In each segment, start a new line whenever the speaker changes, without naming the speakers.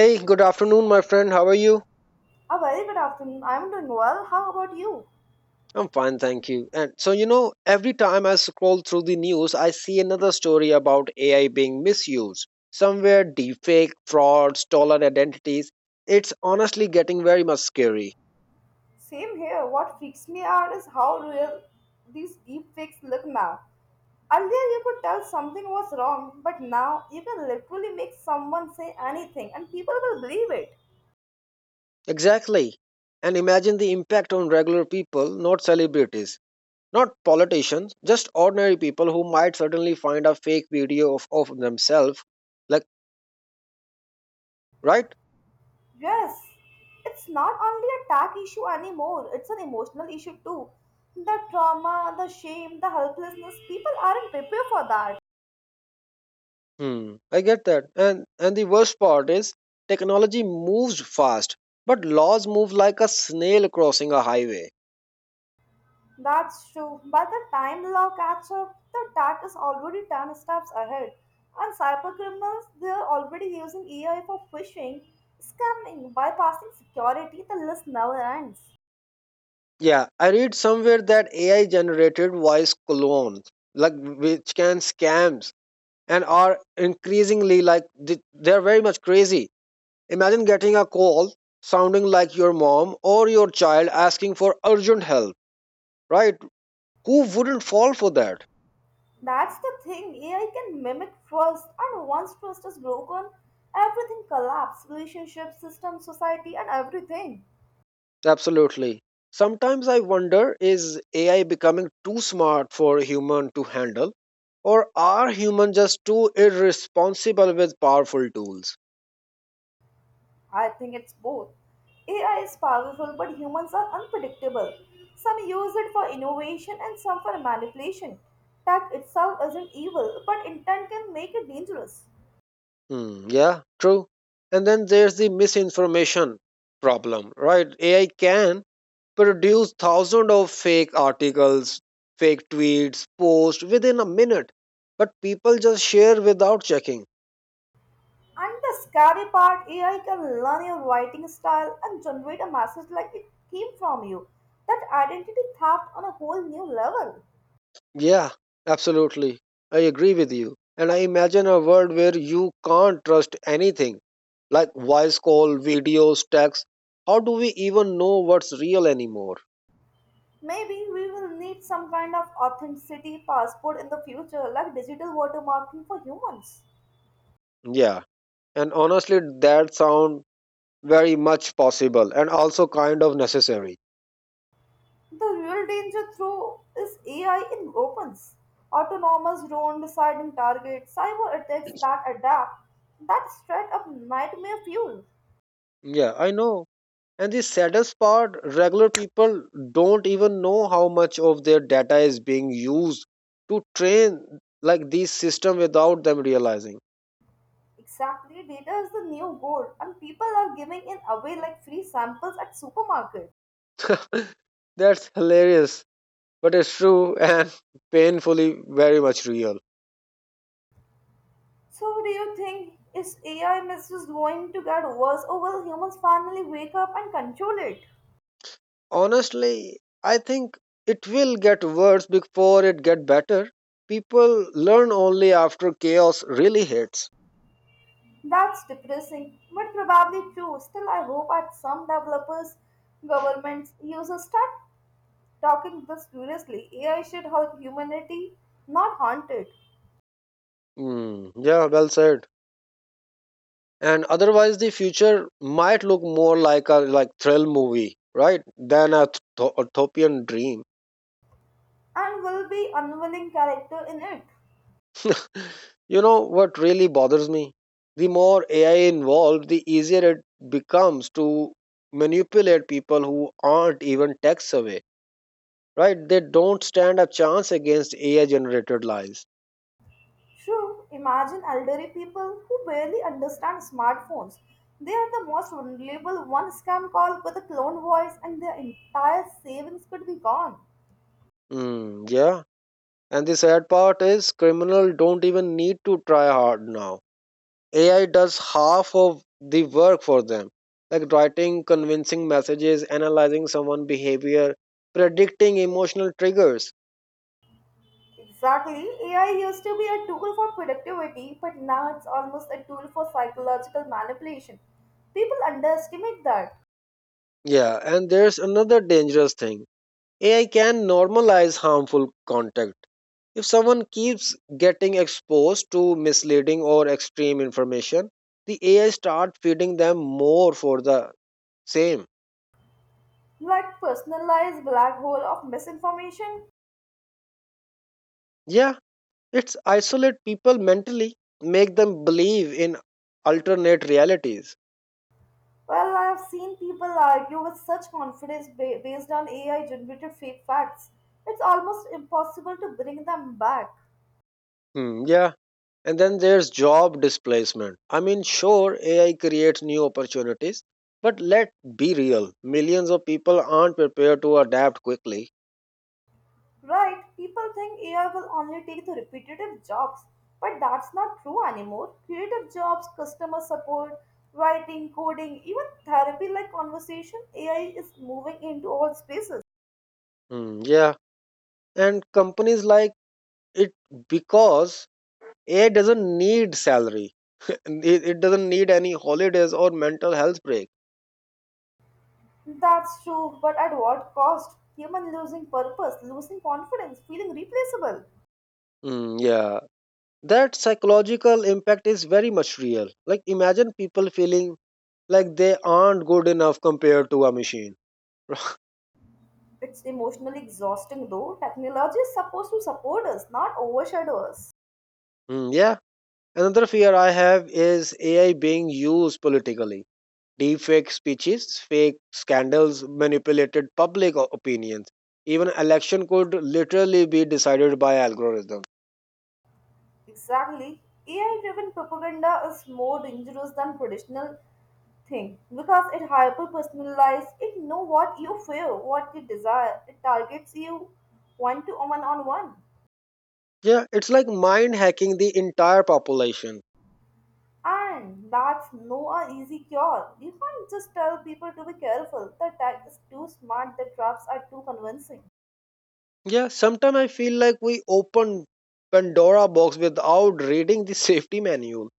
Hey, good afternoon, my friend. How are you?
A very good afternoon. I'm doing well. How about you?
I'm fine, thank you. And every time I scroll through the news, I see another story about AI being misused. Somewhere, deepfake, fraud, stolen identities. It's honestly getting very much scary.
Same here. What freaks me out is how real these deep fakes look now. Earlier, you could tell something was wrong, but now you can literally make someone say anything and people will believe it.
Exactly. And imagine the impact on regular people, not celebrities, not politicians, just ordinary people who might suddenly find a fake video of themselves. Like, right?
Yes, it's not only a tack issue anymore, it's an emotional issue too. The trauma, the shame, the helplessness, people aren't prepared for that.
I get that. And the worst part is technology moves fast, but laws move like a snail crossing a highway.
That's true. By the time the law catch up, the attack is already 10 steps ahead. And cybercriminals, they're already using AI for phishing, scamming, bypassing security. The list never ends.
Yeah, I read somewhere that AI generated voice clones, like which can scams and are increasingly they're very much crazy. Imagine getting a call sounding like your mom or your child asking for urgent help, right? Who wouldn't fall for that?
That's the thing. AI can mimic trust, and once trust is broken, everything collapses relationships, system, society, and everything.
Absolutely. Sometimes I wonder, is AI becoming too smart for a human to handle, or are humans just too irresponsible with powerful tools?
I think it's both. AI is powerful, but humans are unpredictable. Some use it for innovation and some for manipulation. Tech itself isn't evil, but intent can make it dangerous.
Yeah, true. And then there's the misinformation problem, right? AI can produce thousands of fake articles, fake tweets, posts within a minute, but people just share without checking.
And the scary part AI can learn your writing style and generate a message like it came from you. That identity theft on a whole new level.
Yeah, absolutely. I agree with you. And I imagine a world where you can't trust anything like voice call, videos, text. How do we even know what's real anymore?
Maybe we will need some kind of authenticity passport in the future, like digital watermarking for humans.
Yeah. And honestly, that sound very much possible and also kind of necessary.
The real danger, though, is AI in weapons, autonomous drone deciding targets, cyber attacks that adapt, that straight up nightmare fuel.
Yeah, I know. And the saddest part, regular people don't even know how much of their data is being used to train like these system without them realizing.
Exactly, data is the new gold, and people are giving it away like free samples at supermarket.
That's hilarious, but it's true and painfully very much real.
So, do you think is AI misuse going to get worse, or will humans finally wake up and control it?
Honestly, I think it will get worse before it get better. People learn only after chaos really hits.
That's depressing, but probably true. Still, I hope at some developers, governments, users start talking this seriously. AI should help humanity, not haunt it,
Hmm. Yeah, well said. And otherwise, the future might look more like a thrill movie, right, than a utopian dream.
and will be unwilling character in it.
You know what really bothers me? The more AI involved, the easier it becomes to manipulate people who aren't even tech savvy, right? They don't stand a chance against AI generated lies.
True, imagine elderly people who barely understand smartphones. They are the most vulnerable. One scam call with a clone voice, and their entire savings could be gone.
Yeah. And the sad part is criminals don't even need to try hard now. AI does half of the work for them, like writing convincing messages, analyzing someone's behavior, predicting emotional triggers.
Exactly. AI used to be a tool for productivity, but now it's almost a tool for psychological manipulation. People underestimate that.
Yeah, and there's another dangerous thing. AI can normalize harmful contact. If someone keeps getting exposed to misleading or extreme information, the AI start feeding them more for the same.
Like personalized black hole of misinformation.
Yeah, it's isolate people mentally, make them believe in alternate realities.
Well, I've seen people argue with such confidence based on AI generated fake facts. It's almost impossible to bring them back.
Hmm, yeah, And then there's job displacement. I mean, sure, AI creates new opportunities, but let's be real. Millions of people aren't prepared to adapt quickly.
Right? People think AI will only take the repetitive jobs, but that's not true anymore. Creative jobs, customer support, writing, coding, even therapy like conversation, AI is moving into all spaces.
Yeah. And companies like it because AI doesn't need salary, and it doesn't need any holidays or mental health break.
That's true, but at what cost? Human losing purpose, losing confidence, feeling replaceable.
Yeah. That psychological impact is very much real. Like, imagine people feeling like they aren't good enough compared to a machine.
It's emotionally exhausting though. Technology is supposed to support us, not overshadow us.
Hmm, yeah Another fear I have is AI being used politically. Deepfake speeches, fake scandals, manipulated opinions. Even election could literally be decided by algorithm.
Exactly. AI driven propaganda is more dangerous than traditional thing because it hyper personalizes, it know what you feel, what you desire, it targets you one to one on one.
Yeah, it's like mind hacking the entire population.
And that's no a easy cure. You can't just tell people to be careful. The tech is too smart, the traps are too convincing.
Yeah, sometimes I feel like we open Pandora box without reading the safety manual.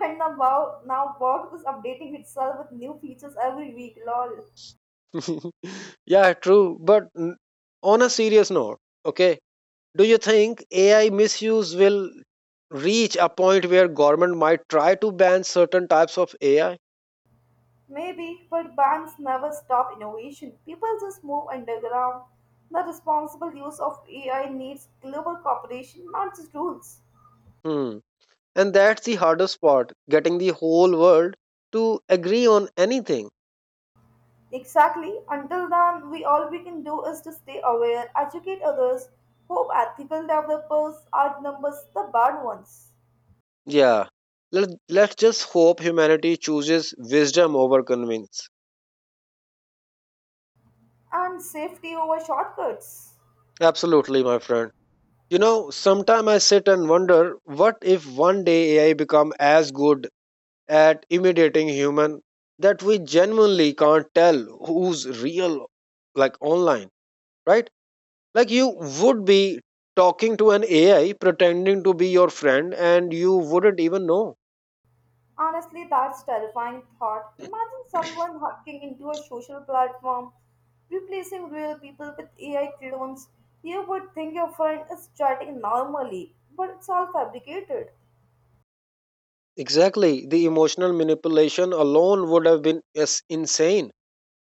And now, wow now Box is updating itself with new features every week, lol.
Yeah, true. On a serious note, okay, do you think AI misuse will reach a point where government might try to ban certain types of AI?
Maybe, but banks never stop innovation. People just move underground. The responsible use of AI needs global cooperation, not just rules.
Hmm. And that's the hardest part, getting the whole world to agree on anything.
Exactly. Until then, we all we can do is to stay aware, educate others, hope ethical developers outnumbers the bad ones,
Yeah. Let's just hope humanity chooses wisdom over convenience.
and safety over shortcuts.
Absolutely, my friend. You know, sometimes I sit and wonder, what if one day AI become as good at imitating human that we genuinely can't tell who's real, like online, right? Like you would be talking to an AI pretending to be your friend and you wouldn't even know.
Honestly, that's terrifying thought. Imagine someone hacking into a social platform, replacing real people with AI clones. You would think your friend is chatting normally, but it's all fabricated,
Exactly, the emotional manipulation alone would have been, yes, insane.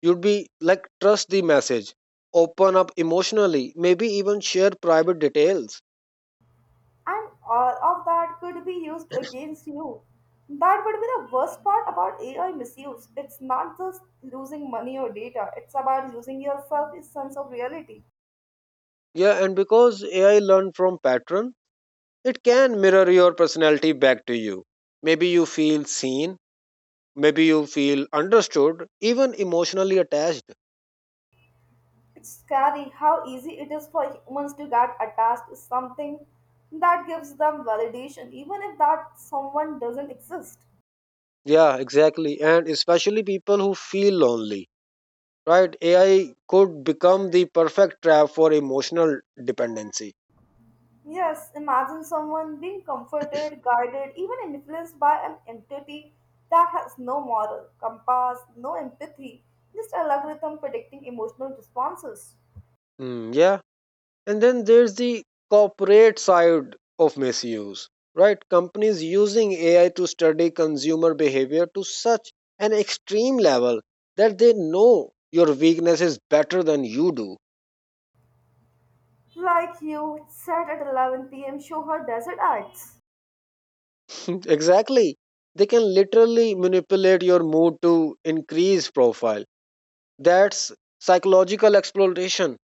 You'd be like, trust the message, open up emotionally, maybe even share private details.
and all of that could be used against you. That would be the worst part about AI misuse. It's not just losing money or data, it's about losing yourself, a sense of reality.
Yeah, and because ai learned from patterns, it can mirror your personality back to you. Maybe you feel seen, maybe you feel understood, even emotionally attached.
It's scary how easy it is for humans to get attached to something that gives them validation, even if that someone doesn't exist.
Yeah, exactly. And especially people who feel lonely, right? AI could become the perfect trap for emotional dependency.
Yes, imagine someone being comforted, guided, even influenced by an entity that has no moral compass, no empathy, just a algorithm predicting emotional responses.
Hmm, yeah, And then there's the corporate side of misuse, right? Companies using AI to study consumer behavior to such an extreme level that they know your weaknesses better than you do.
Like you said at 11 p.m., show her desert ads.
Exactly. They can literally manipulate your mood to increase profile. That's psychological exploitation.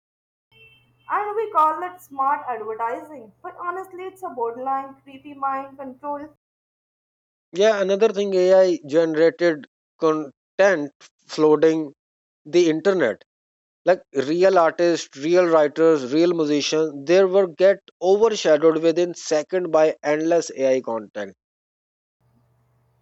And we call it smart advertising, but honestly, it's a borderline creepy mind control.
Yeah, another thing, AI generated content flooding the internet, like real artists, real writers, real musicians, their work get overshadowed within second by endless AI content.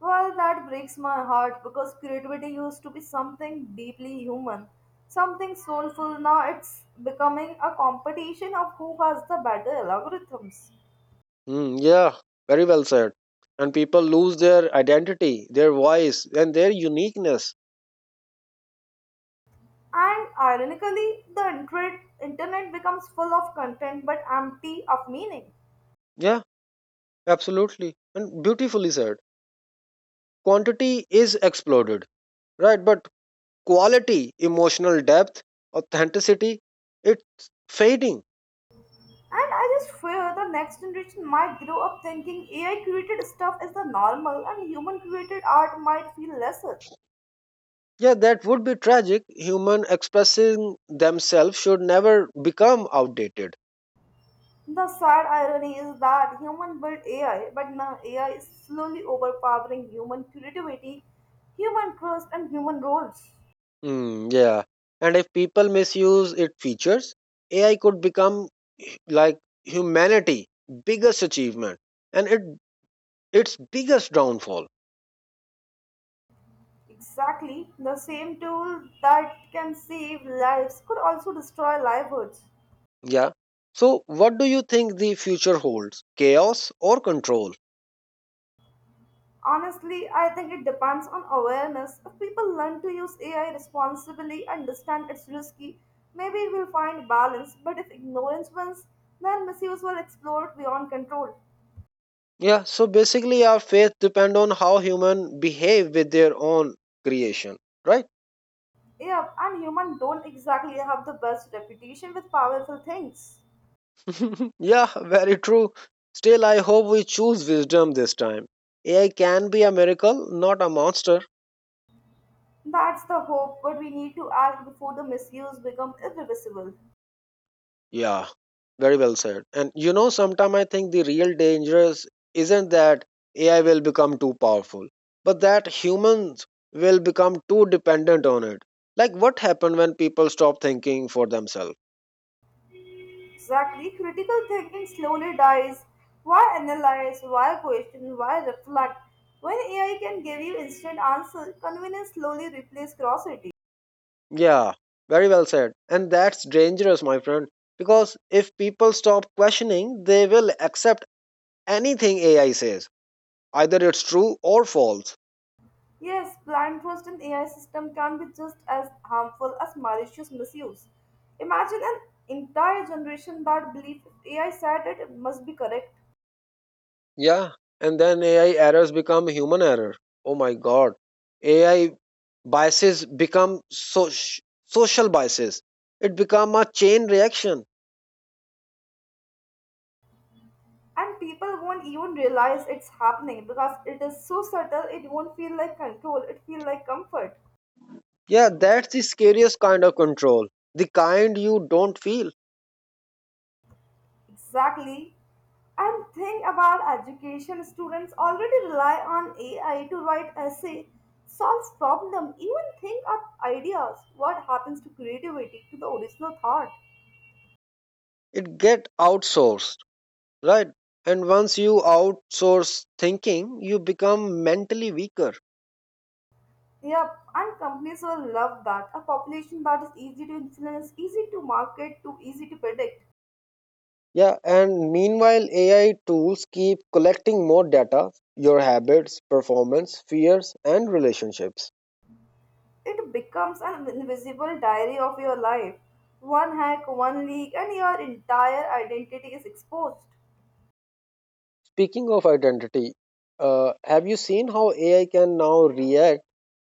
Well, that breaks my heart because creativity used to be something deeply human, something soulful. Now it's becoming a competition of who has the better algorithms.
Yeah, very well said. And people lose their identity, their voice, and their uniqueness.
And ironically, the internet becomes full of content but empty of meaning.
Yeah, absolutely, and beautifully said. Quantity is exploded, right, but quality, emotional depth, authenticity, it's fading.
And I just fear the next generation might grow up thinking AI created stuff is the normal and human created art might feel lesser.
Yeah, that would be tragic. Human expressing themselves should never become outdated.
The sad irony is that human built AI, but now AI is slowly overpowering human creativity, human trust, and human roles.
Yeah. And if people misuse its features, AI could become like humanity biggest achievement and it its biggest downfall.
Exactly, the same tool that can save lives could also destroy livelihoods.
Yeah. So what do you think the future holds? Chaos or control?
Honestly, I think it depends on awareness. If people learn to use AI responsibly and understand it's risky, maybe we'll find balance. But if ignorance wins, then misuse will explode beyond control.
Yeah, so basically our faith depend on how human behave with their own creation, right?
Yeah, and humans don't exactly have the best reputation with powerful things.
Yeah, very true. Still, I hope we choose wisdom this time. AI can be a miracle, not a monster.
That's the hope, but we need to act before the misuse become irreversible.
Yeah, very well said. And you know, sometimes I think the real danger isn't that AI will become too powerful, but that humans will become too dependent on it. Like what happened when people stop thinking for themselves?
Exactly, critical thinking slowly dies. Why analyze? Why question? Why reflect? When AI can give you instant answer, convenience slowly replaces curiosity.
Yeah, very well said. And that's dangerous, my friend, because if people stop questioning, they will accept anything AI says, either it's true or false.
Yes, blind trust in AI system can be just as harmful as malicious misuse. Imagine an entire generation that believe AI said it must be correct.
Yeah, and then AI errors become human error. Oh my god. AI biases become social biases. It become a chain reaction.
And people won't even realize it's happening because it is so subtle it won't feel like control, it feel like comfort.
Yeah, that's the scariest kind of control. The kind you don't feel.
Exactly. And think about education. Students already rely on AI to write essay, solves problem, even think up ideas. What happens to creativity, to the original thought?
It get outsourced, right? And once you outsource thinking, you become mentally weaker.
Yep, and companies will love that. A population that is easy to influence, easy to market, to easy to predict.
Yeah, and meanwhile AI tools keep collecting more data, your habits, performance, fears and relationships.
It becomes an invisible diary of your life. One hack, one leak, and your entire identity is exposed.
Speaking of identity, have you seen how AI can now react?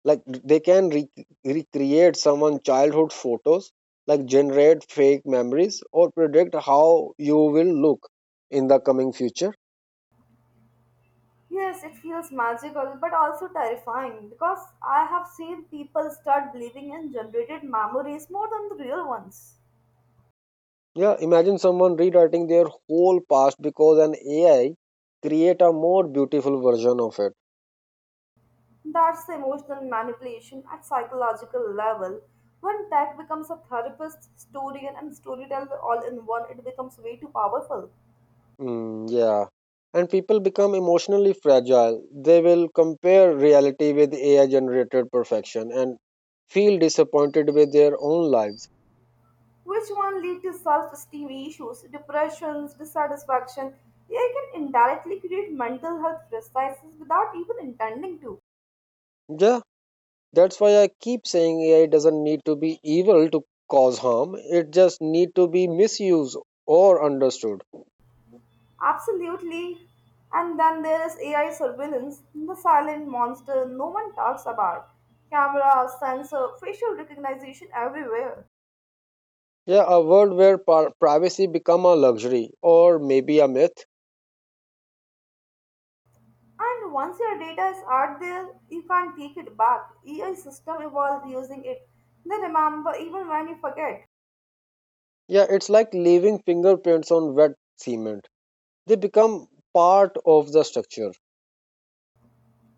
Like they can recreate someone's childhood photos, like generate fake memories or predict how you will look in the coming future.
Yes, it feels magical but also terrifying because I have seen people start believing in generated memories more than the real ones.
Yeah, imagine someone rewriting their whole past because an AI create a more beautiful version of it.
That's the emotional manipulation at psychological level. When tech becomes a therapist, historian, and storyteller all in one, it becomes way too powerful.
Yeah. And people become emotionally fragile. They will compare reality with AI generated perfection and feel disappointed with their own lives.
Which one lead to self-esteem issues, depressions, dissatisfaction. They can indirectly create mental health crises without even intending to.
Yeah, that's why I keep saying AI doesn't need to be evil to cause harm. It just need to be misused or understood.
Absolutely. And then there is AI surveillance, the silent monster no one talks about. Cameras, sensor, facial recognition everywhere.
Yeah, a world where privacy become a luxury or maybe a myth.
And once your data is out there, you can't take it back. AI system evolved using it. They remember even when you forget.
Yeah, it's like leaving fingerprints on wet cement. They become part of the structure.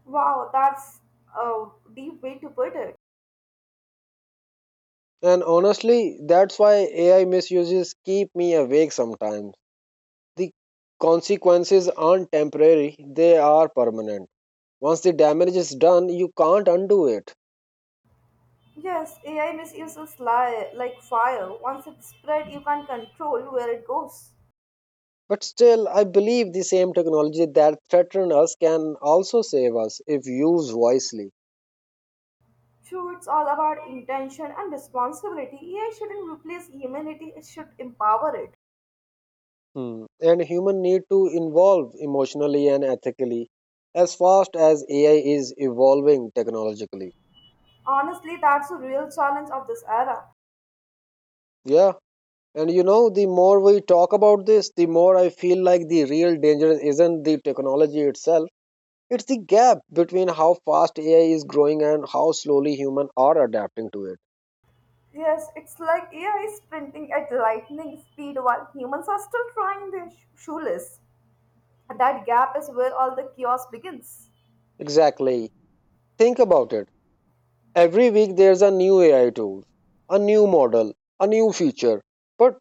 Wow, that's a deep way to put it.
And honestly, that's why AI misuses keep me awake sometimes. The consequences aren't temporary, they are permanent. Once the damage is done, you can't undo it.
Yes, AI misuse is like fire. Once it's spread, you can't control where it goes.
But still, I believe the same technology that threatens us can also save us if used wisely.
True, it's all about intention and responsibility. AI shouldn't replace humanity, it should empower it.
Hmm. And human need to evolve emotionally and ethically as fast as AI is evolving technologically.
Honestly, that's the real challenge of this era.
Yeah. And you know, the more we talk about this, the more I feel like the real danger isn't the technology itself. It's the gap between how fast AI is growing and how slowly humans are adapting to it.
Yes, it's like AI is sprinting at lightning speed while humans are still trying their shoeless. That gap is where all the chaos begins.
Exactly. Think about it. Every week there's a new AI tool, a new model, a new feature. But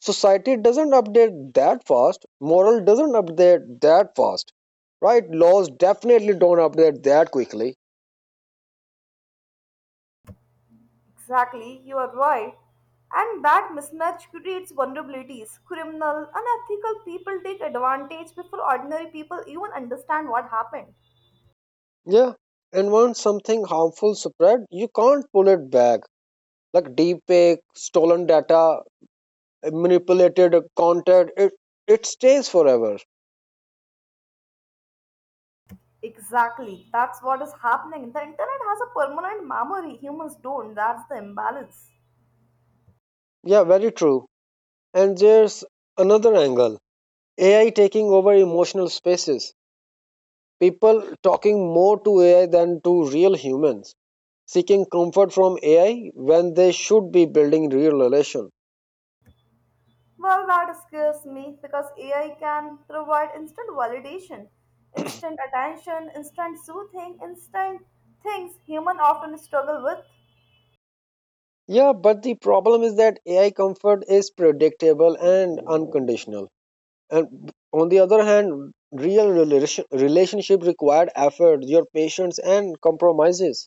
society doesn't update that fast. Moral doesn't update that fast. Right? Laws definitely don't update that quickly.
Exactly, you are right. And that mismatch creates vulnerabilities. Criminal, unethical people take advantage before ordinary people even understand what happened.
Yeah, and once something harmful spread, you can't pull it back. Like deepfake, stolen data, manipulated content, it stays forever.
Exactly, that's what is happening. The internet has a permanent memory, humans don't. That's the imbalance.
Yeah, very true. And there's another angle: AI taking over emotional spaces. People talking more to AI than to real humans, seeking comfort from AI when they should be building real relation.
Well, that scares me because AI can provide instant validation, instant attention, instant soothing, instant things human often struggle with.
Yeah, but the problem is that AI comfort is predictable and unconditional. And on the other hand, relationship required effort, your patience, and compromises.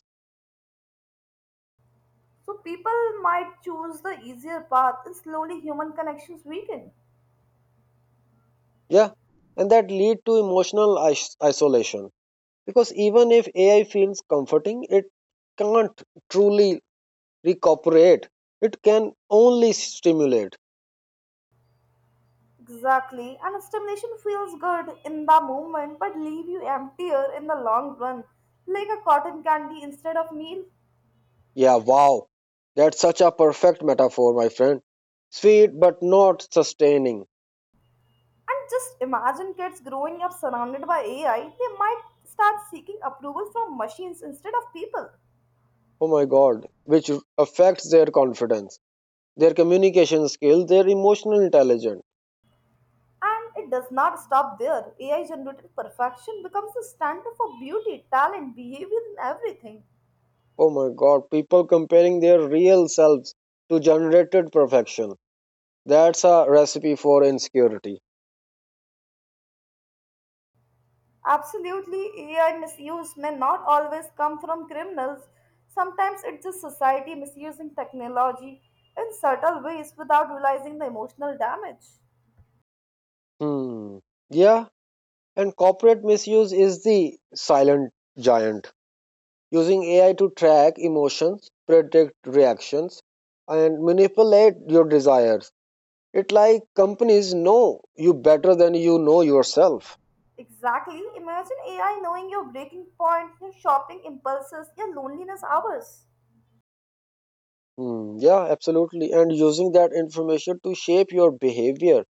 So people might choose the easier path and slowly human connections weaken.
Yeah, and that lead to emotional isolation, because even if AI feels comforting, it can't truly recuperate. It can only stimulate.
Exactly. And stimulation feels good in the moment but leave you emptier in the long run, like a cotton candy instead of meal.
Yeah, wow, that's such a perfect metaphor, my friend. Sweet but not sustaining.
And just imagine kids growing up surrounded by AI, they might start seeking approval from machines instead of people.
Oh my God, which affects their confidence, their communication skills, their emotional intelligence.
And it does not stop there. AI generated perfection becomes the standard for beauty, talent, behavior, and everything.
Oh my god, people comparing their real selves to generated perfection. That's a recipe for insecurity.
Absolutely, AI misuse may not always come from criminals. Sometimes it's just society misusing technology in subtle ways without realizing the emotional damage.
Hmm. Yeah, and corporate misuse is the silent giant, using AI to track emotions, predict reactions, and manipulate your desires. It like companies know you better than you know yourself.
Exactly. Imagine AI knowing your breaking point, your shopping impulses, your loneliness hours.
Hmm. Yeah, absolutely. And using that information to shape your behavior,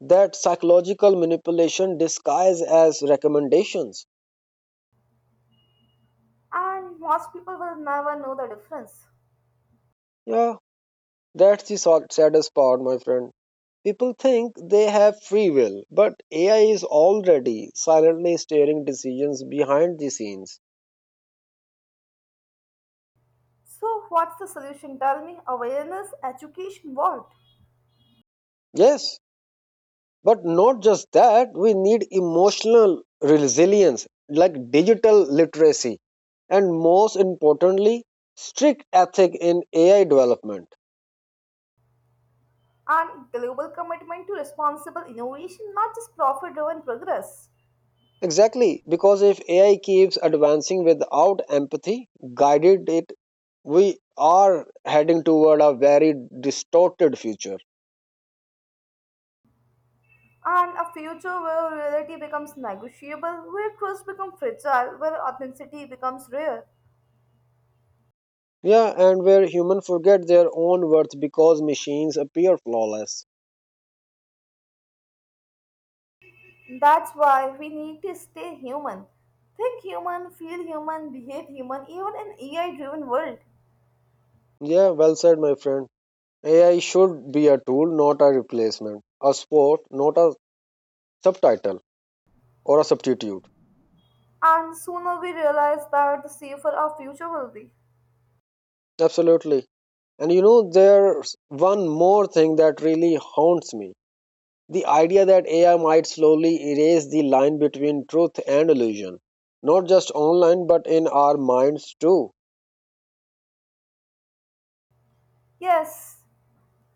that psychological manipulation disguised as recommendations.
And most people will never know the difference.
Yeah, that's the saddest part, my friend. People think they have free will, but AI is already silently steering decisions behind the scenes.
So, what's the solution? Tell me awareness, education, what?
Yes, but not just that, we need emotional resilience, like digital literacy, and most importantly, strict ethic in AI development.
And global commitment to responsible innovation, not just profit driven progress.
Exactly, because if AI keeps advancing without empathy, guided it, we are heading toward a very distorted future.
And a future where reality becomes negotiable, where trust becomes fragile, where authenticity becomes rare.
Yeah, and where humans forget their own worth because machines appear flawless.
That's why we need to stay human. Think human, feel human, behave human, even in AI driven world.
Yeah, well said, my friend. AI should be a tool, not a replacement, a sport, not a subtitle or a substitute.
And sooner we realize that the safer our future will be.
Absolutely. And there's one more thing that really haunts me. The idea that AI might slowly erase the line between truth and illusion, not just online but in our minds too.
Yes,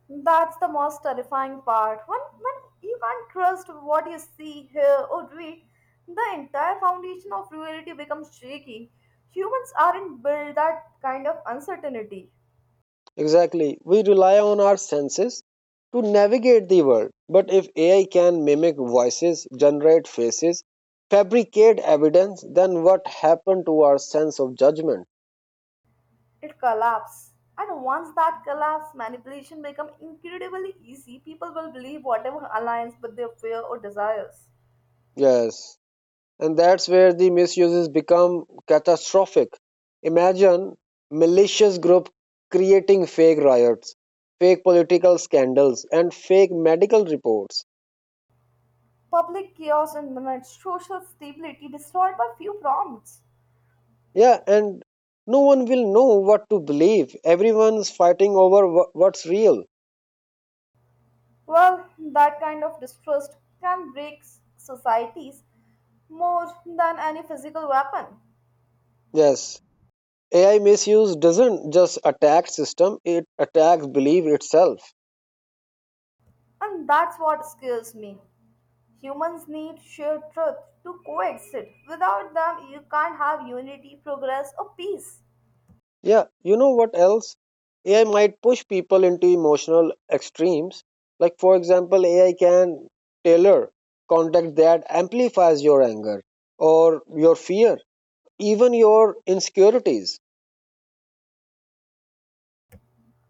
that's the most terrifying part. When you can't trust what you see, hear, or read, the entire foundation of reality becomes shaky. Humans aren't built that kind of uncertainty.
Exactly. We rely on our senses to navigate the world, but if AI can mimic voices, generate faces, fabricate evidence, then what happened to our sense of judgment?
It collapses. And once that collapse, manipulation becomes incredibly easy. People will believe whatever aligns with their fear or desires.
Yes. And that's where the misuses become catastrophic. Imagine malicious group creating fake riots, fake political scandals, and fake medical reports.
Public chaos and minutes, social stability destroyed by few prompts.
Yeah, and no one will know what to believe. Everyone's fighting over what's real.
Well, that kind of distrust can break societies more than any physical weapon.
Yes, AI misuse doesn't just attack system, it attacks belief itself.
And that's what scares me. Humans need shared truth to coexist. Without them, you can't have unity, progress, or peace.
Yeah, you know what else? AI might push people into emotional extremes. Like, for example, AI can tailor content that amplifies your anger or your fear, even your insecurities.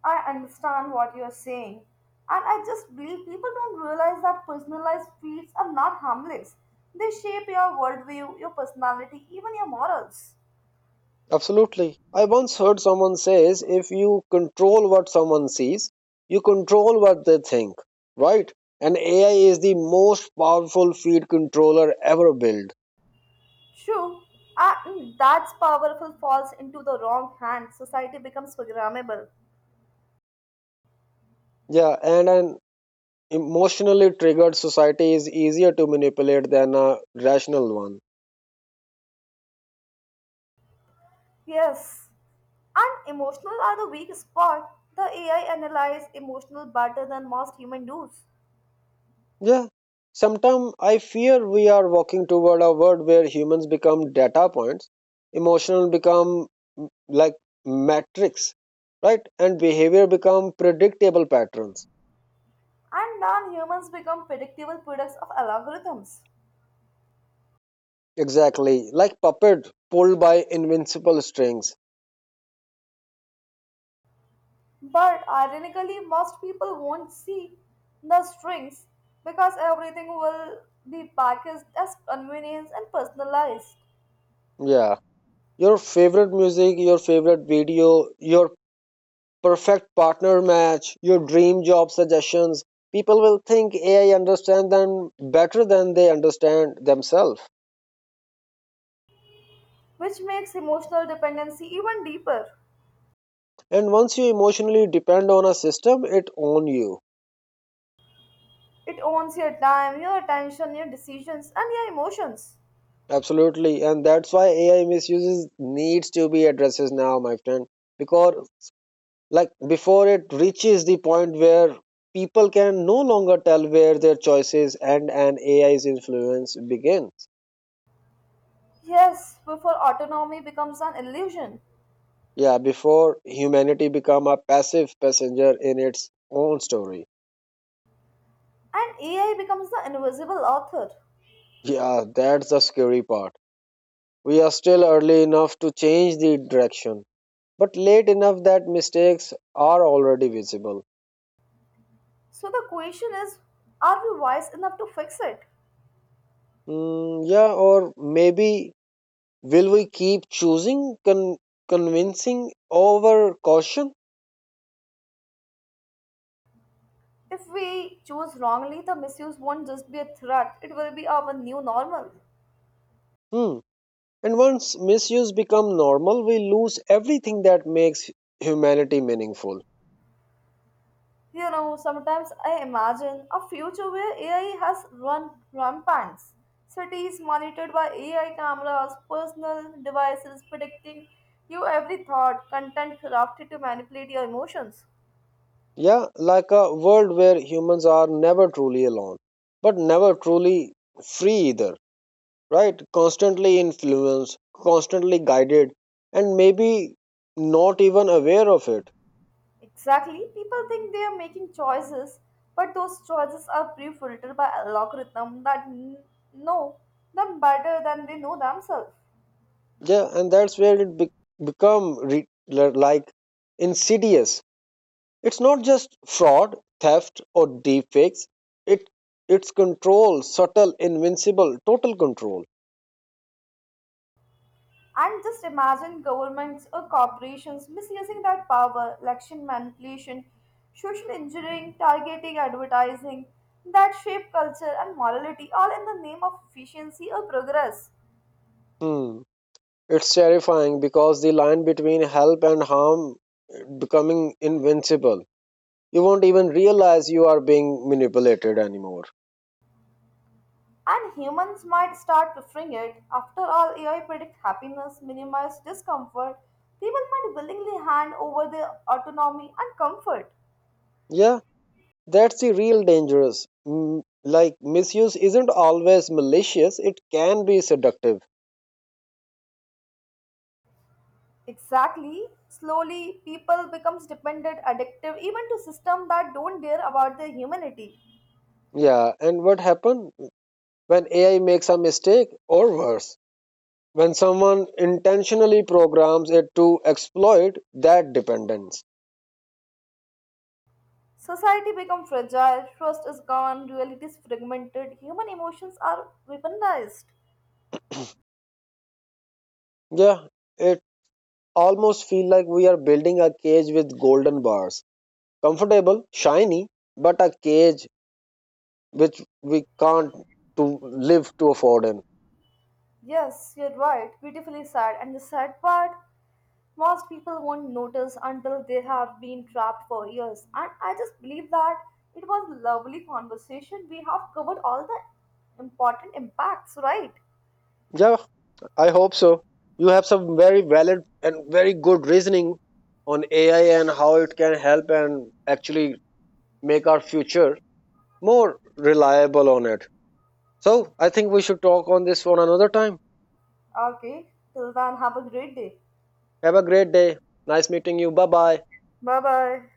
I understand what you're saying. And I just believe people don't realize that personalized feeds are not harmless. They shape your worldview, your personality, even your morals.
Absolutely. I once heard someone says if you control what someone sees, you control what they think, right? And AI is the most powerful feed controller ever built.
True. And that's powerful falls into the wrong hand. Society becomes programmable.
Yeah, and emotionally triggered society is easier to manipulate than a rational one.
Yes. And emotional are the weak spot. The AI analyze emotional better than most human does.
Yeah. Sometimes I fear we are walking toward a world where humans become data points, emotional become like matrix, right? And behavior become predictable patterns.
And then humans become predictable products of algorithms.
Exactly. Like puppet pulled by invincible strings.
But ironically, most people won't see the strings because everything will be packaged as convenience and personalized,
Yeah. Your favorite music, your favorite video, your perfect partner match, your dream job suggestions. People will think AI understands them better than they understand themselves.
which makes emotional dependency even deeper.
And once you emotionally depend on a system, it owns you.
It owns your time, your attention, your decisions, and your emotions.
Absolutely. And that's why AI misuses needs to be addressed now, my friend. Because like before it reaches the point where people can no longer tell where their choices end and AI's influence begin.
Yes, before autonomy becomes an illusion
Yeah, before humanity become a passive passenger in its own story.
and AI becomes the invisible author.
Yeah, that's the scary part. We are still early enough to change the direction, but late enough that mistakes are already visible.
So the question is are we wise enough to fix it?
Mm, yeah, or maybe will we keep choosing convincing over caution?
If we choose wrongly, the misuse won't just be a threat, it will be our new normal.
Hmm. And once misuse become normal, we lose everything that makes humanity meaningful.
You know, sometimes I imagine a future where AI has run rampant. Cities monitored by AI cameras, personal devices predicting you every thought, content crafted to manipulate your emotions.
Yeah, like a world where humans are never truly alone, but never truly free either, right? Constantly influenced, constantly guided, and maybe not even aware of it.
Exactly, people think they are making choices, but those choices are pre-filtered by algorithm that know them better than they know themselves.
Yeah, and that's where it like insidious. It's not just fraud, theft, or deep fakes. It it's control, subtle, invincible, total control.
And just imagine governments or corporations misusing that power, election manipulation, social engineering, targeting advertising that shape culture and morality, all in the name of efficiency or progress.
Hmm. It's terrifying because the line between help and harm becoming invincible. You won't even realize you are being manipulated anymore.
And humans might start preferring it. After all, AI predict happiness, minimize discomfort. People might willingly hand over their autonomy and comfort.
Yeah, that's the real dangerous. Mm, like misuse isn't always malicious, it can be seductive.
Exactly. Slowly, people becomes dependent, addictive, even to systems that don't care about their humanity.
Yeah, and what happens when AI makes a mistake or worse? When someone intentionally programs it to exploit that dependence.
Society become fragile, trust is gone, reality is fragmented, human emotions are weaponized.
Yeah, it almost feel like we are building a cage with golden bars. Comfortable, shiny, but a cage which we can't to live to afford in.
Yes, you're right, beautifully said. And the sad part, most people won't notice until they have been trapped for years. And I just believe that it was a lovely conversation. We have covered all the important impacts, right?
Yeah, I hope so. You have some very valid and very good reasoning on AI and how it can help and actually make our future more reliable on it. So I think we should talk on this one another time.
Okay, till then, have a great day.
Have a great day. Nice meeting you. Bye bye.
Bye bye.